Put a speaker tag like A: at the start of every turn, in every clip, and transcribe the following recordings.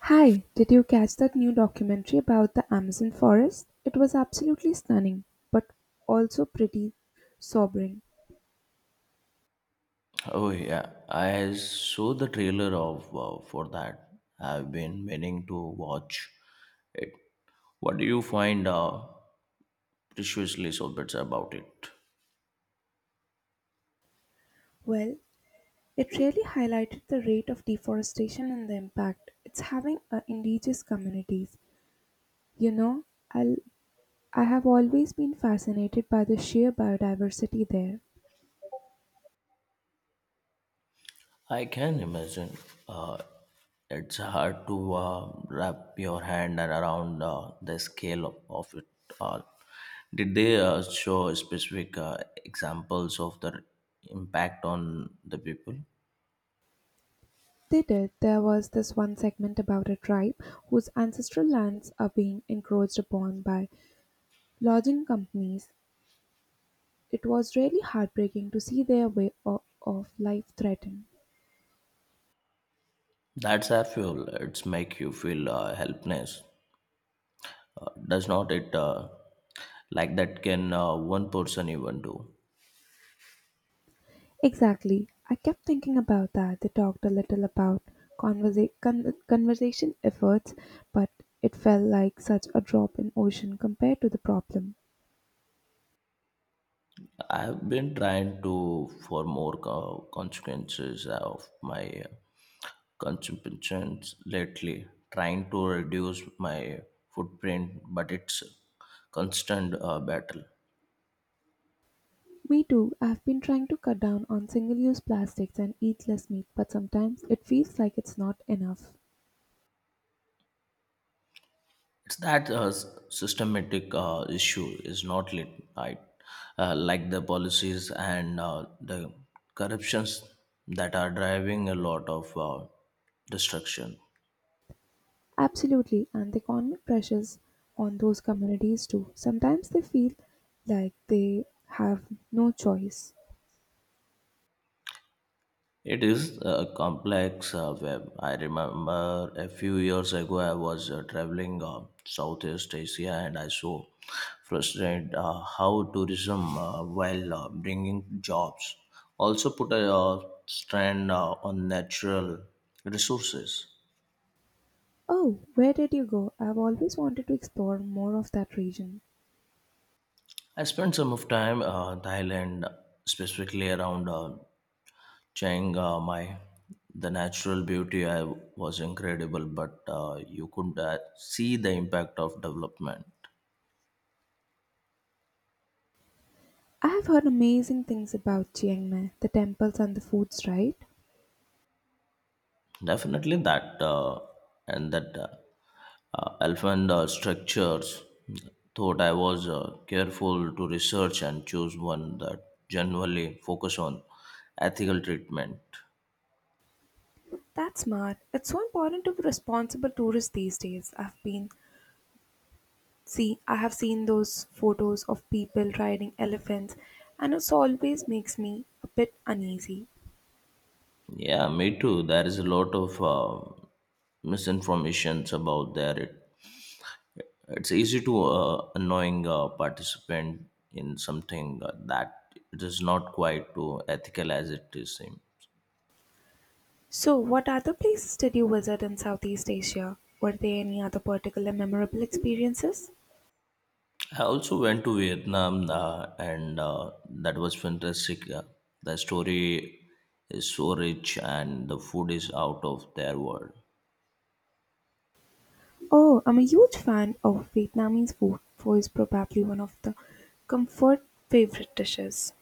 A: Hi, did you catch that new documentary about the Amazon forest? It was absolutely stunning, but also pretty sobering.
B: Oh yeah, I saw the trailer of for that. I've been meaning to watch it. What do you find preciously so bits about it?
A: Well, it really highlighted the rate of deforestation and the impact it's having on indigenous communities. You know, I'll, I have always been fascinated by the sheer biodiversity there.
B: I can imagine. Uh, it's hard to wrap your hand around the scale of it all. Did they show specific examples of the impact on the people?
A: They did. There was this one segment about a tribe whose ancestral lands are being encroached upon by lodging companies. It was really heartbreaking to see their way of life threatened.
B: That's I feel. It's make you feel helpless, does not it, like that can, one person even do?
A: Exactly. I kept thinking about that. They talked a little about conversation efforts, but it felt like such a drop in ocean compared to the problem.
B: I've been trying to for more consequences of my consumptions lately, trying to reduce my footprint, but it's constant battle.
A: Me too. I've been trying to cut down on single-use plastics and eat less meat, but sometimes it feels like it's not enough.
B: It's that systematic issue is not lit, right, like the policies and the corruptions that are driving a lot of destruction.
A: Absolutely, and the economic pressures on those communities too. Sometimes they feel like they have no choice.
B: It is a complex web. I remember a few years ago I was traveling Southeast Asia and I saw frustrated how tourism, while bringing jobs, also put a strain on natural resources.
A: Oh, where did you go? I've always wanted to explore more of that region.
B: I spent some of time Thailand, specifically around Chiang Mai, the natural beauty I was incredible, but you could see the impact of development.
A: I have heard amazing things about Chiang Mai, the temples and the foods, right?
B: Definitely that, and that elephant structures. Thought I was careful to research and choose one that generally focus on ethical treatment.
A: That's smart. It's so important to be responsible tourists these days. I have seen those photos of people riding elephants and it always makes me a bit uneasy.
B: Yeah, me too. There is a lot of misinformations about their. It's easy to annoying a participant in something that it is not quite too ethical as it is seem.
A: So what other places did you visit in Southeast Asia? Were there any other particular memorable experiences?
B: I also went to Vietnam and that was fantastic. The story is so rich and the food is out of their world.
A: Oh, I'm a huge fan of Vietnamese food, pho is probably one of the comfort favorite dishes.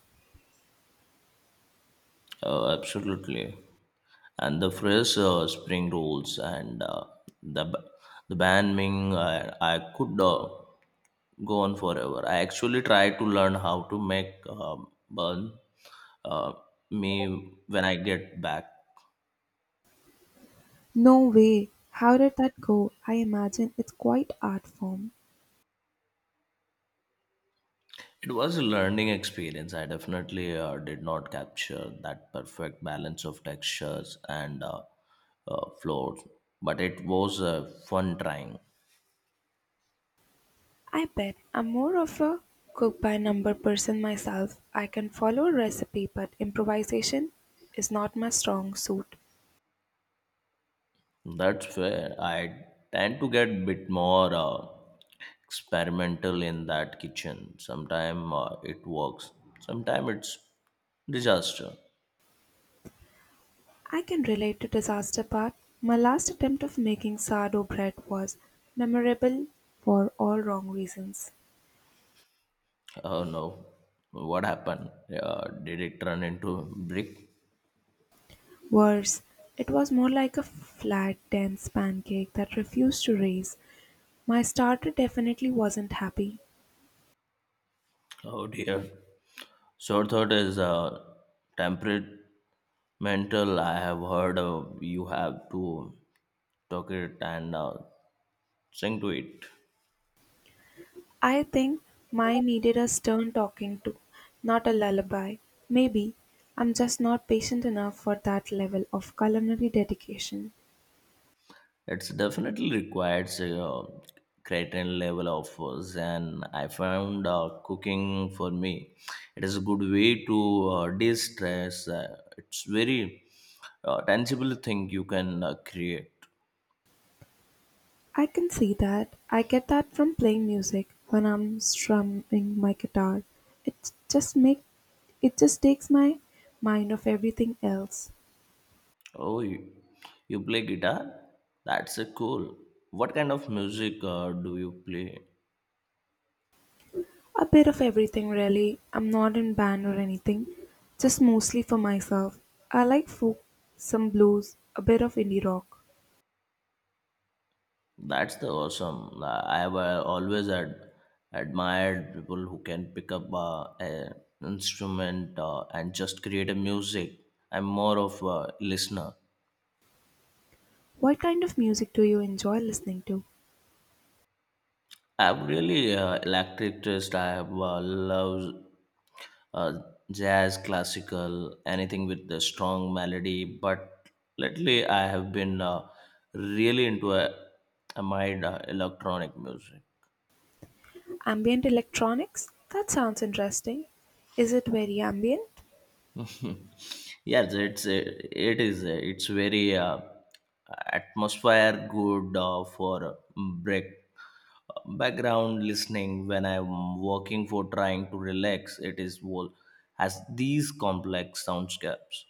B: Absolutely. And the fresh spring rolls and the, the banh mi, I could go on forever. I actually try to learn how to make burn uh, me when I get back.
A: No way. How did that go? I imagine it's quite art form.
B: It was a learning experience. I definitely did not capture that perfect balance of textures and floors, but it was fun trying.
A: I bet I'm more of a cook by number person myself. I can follow a recipe, but improvisation is not my strong suit.
B: That's where I tend to get bit more experimental in that kitchen. Sometimes it works, sometimes it's disaster.
A: I can relate to disaster part. My last attempt of making sourdough bread was memorable for all wrong reasons.
B: Oh no. What happened? Did it turn into brick?
A: Worse, it was more like a flat, dense pancake that refused to raise. My starter definitely wasn't happy.
B: Oh dear. Short thought is temperamental. I have heard you have to talk it and sing to it.
A: I think mine needed a stern talking to, not a lullaby. Maybe I'm just not patient enough for that level of culinary dedication.
B: It's definitely requires a certain level of zen. I found cooking for me. It is a good way to de-stress. It's very tangible thing you can create.
A: I can see that. I get that from playing music when I'm strumming my guitar. It just make it just takes my mind off everything else.
B: Oh, you play guitar? That's a cool. What kind of music do you play?
A: A bit of everything, really. I'm not in band or anything, just mostly for myself. I like folk, some blues, a bit of indie rock.
B: That's the awesome. I have always admired people who can pick up an instrument and just create a music. I'm more of a listener.
A: What kind of music do you enjoy listening to?
B: I've really electric twist. I have loves uh, jazz, classical, anything with the strong melody. But lately, I have been really into a mind electronic music.
A: Ambient electronics? That sounds interesting. Is it very ambient?
B: Yes, it's it is it's very atmosphere good for break background listening when I'm working for trying to relax, it is well has these complex soundscapes.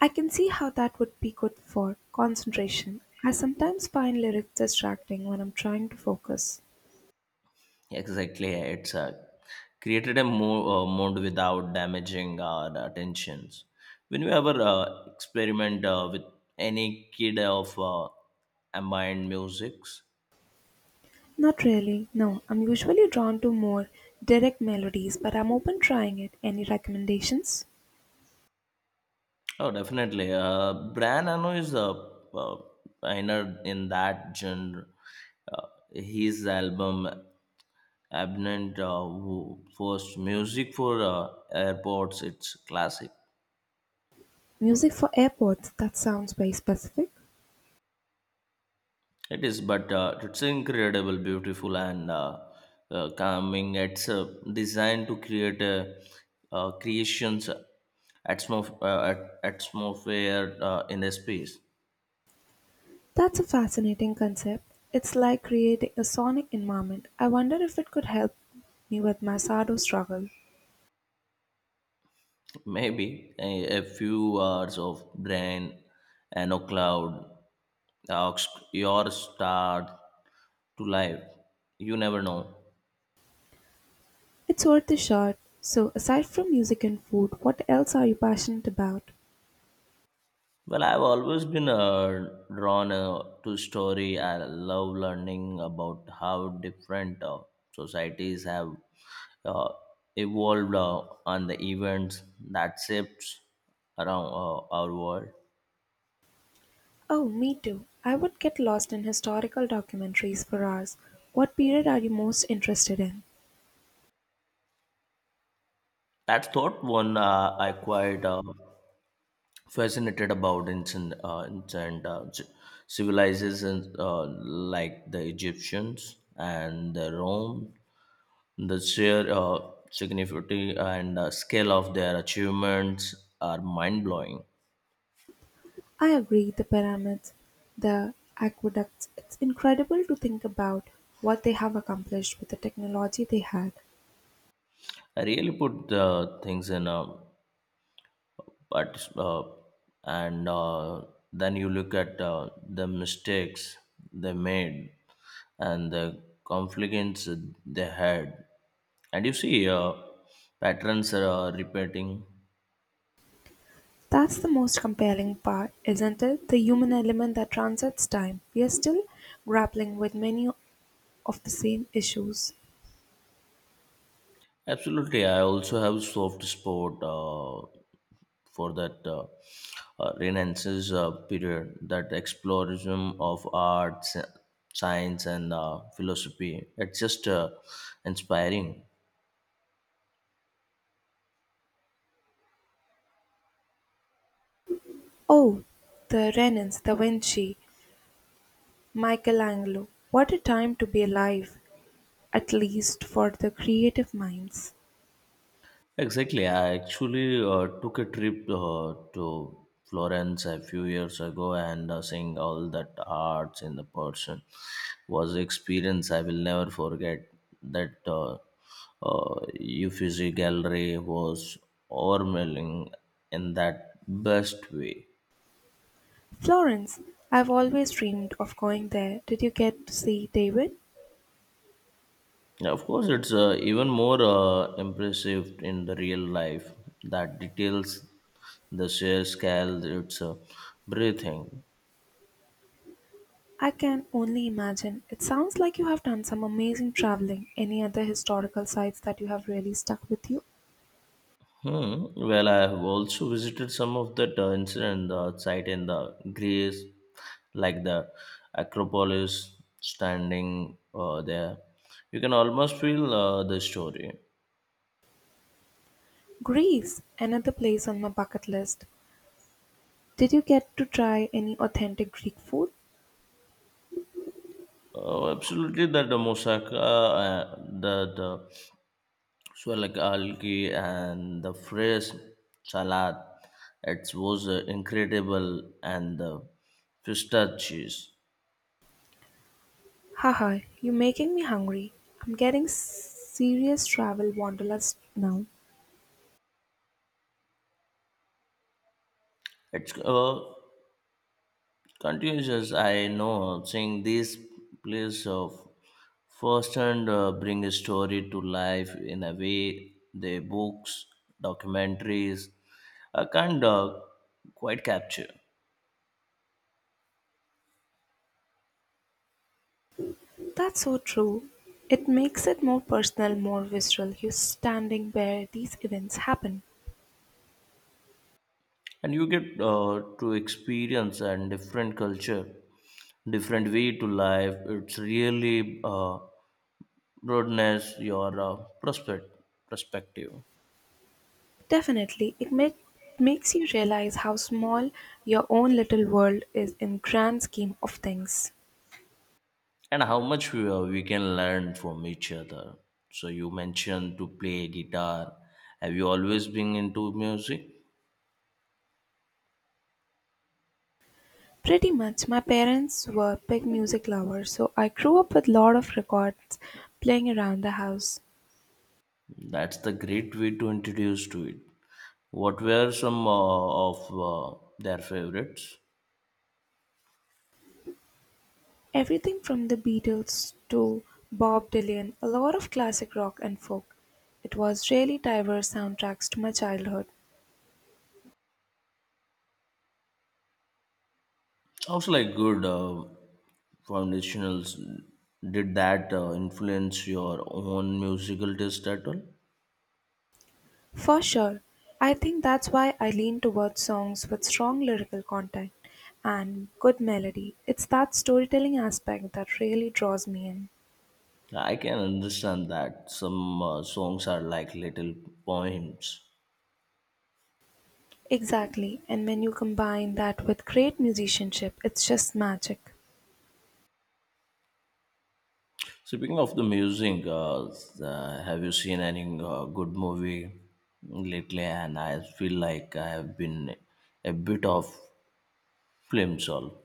A: I can see how that would be good for concentration. I sometimes find lyrics distracting when I'm trying to focus.
B: Exactly, it's created a mode without damaging our attentions. When you ever experiment with any kid of ambient musics?
A: Not really, no. I'm usually drawn to more direct melodies, but I'm open trying it. Any recommendations?
B: Oh, definitely. Brian Eno is a pioneer in that genre. Uh, his album Abnent who first music for airports. It's classic.
A: Music for airports that sounds very specific?
B: It is, but it's incredible, beautiful, and calming. It's designed to create a creations atmosphere in a space.
A: That's a fascinating concept. It's like creating a sonic environment. I wonder if it could help me with my shadow struggle.
B: Maybe a few hours of brain and a cloud, ox- your start to life. You never know.
A: It's worth a shot. So, aside from music and food, what else are you passionate about?
B: Well, I've always been drawn to story. I love learning about how different societies have uh, evolved on the events that shifts around our world.
A: Oh, me too. I would get lost in historical documentaries for hours. What period are you most interested in?
B: That's thought one, I quite fascinated about ancient civilizations like the Egyptians and the Rome. The sheer significance and scale of their achievements are mind blowing.
A: I agree, the pyramids, the aqueducts. It's incredible to think about what they have accomplished with the technology they had.
B: I really put the things in a, but and then you look at the mistakes they made and the conflicts they had, and you see patterns are repeating.
A: That's the most compelling part, isn't it? The human element that transcends time. We are still grappling with many of the same issues.
B: Absolutely, I also have soft spot for that renaissance period, that exploration of arts, science, and philosophy, it's just inspiring.
A: Oh, the Renans, Da Vinci, Michelangelo. What a time to be alive, at least for the creative minds.
B: Exactly. I actually took a trip to Florence a few years ago, and seeing all that arts in the person was experience I will never forget. That uh, Uffizi Gallery was overwhelming in that best way.
A: Florence, I've always dreamed of going there. Did you get to see David?
B: Yeah, of course, it's even more impressive in the real life. That details, the sheer scale, it's breathing.
A: I can only imagine. It sounds like you have done some amazing traveling. Any other historical sites that you have really stuck with you?
B: Hmm. Well, I have also visited some of the incident site in the Greece, like the Acropolis, standing there. You can almost feel the story.
A: Greece, another place on my bucket list. Did you get to try any authentic Greek food?
B: Oh, absolutely, that the moussaka, the swalak algae and the fresh salad, it was incredible, and the feta cheese.
A: Haha, you're making me hungry. I'm getting serious travel wanderlust now.
B: It's Confucius, I know, seeing this place of firsthand bring a story to life in a way the books, documentaries can't quite capture.
A: That's so true. It makes it more personal, more visceral. You're standing where these events happen.
B: And you get to experience and different culture, different way to life. It's really broadness your prospect perspective.
A: Definitely, makes you realize how small your own little world is in grand scheme of things.
B: And how much we can learn from each other. So you mentioned to play guitar, have you always been into music?
A: Pretty much. My parents were big music lovers, so I grew up with a lot of records playing around the house.
B: That's the great way to introduce to it. What were some of their favorites?
A: Everything from the Beatles to Bob Dylan, a lot of classic rock and folk. It was really diverse soundtracks to my childhood.
B: Sounds like good foundationals. Did that influence your own musical taste at all?
A: For sure. I think that's why I lean towards songs with strong lyrical content and good melody. It's that storytelling aspect that really draws me in.
B: I can understand that, some songs are like little poems.
A: Exactly. And when you combine that with great musicianship, it's just magic.
B: Speaking of the music, have you seen any good movie lately? And I feel like I have been a bit of film soul.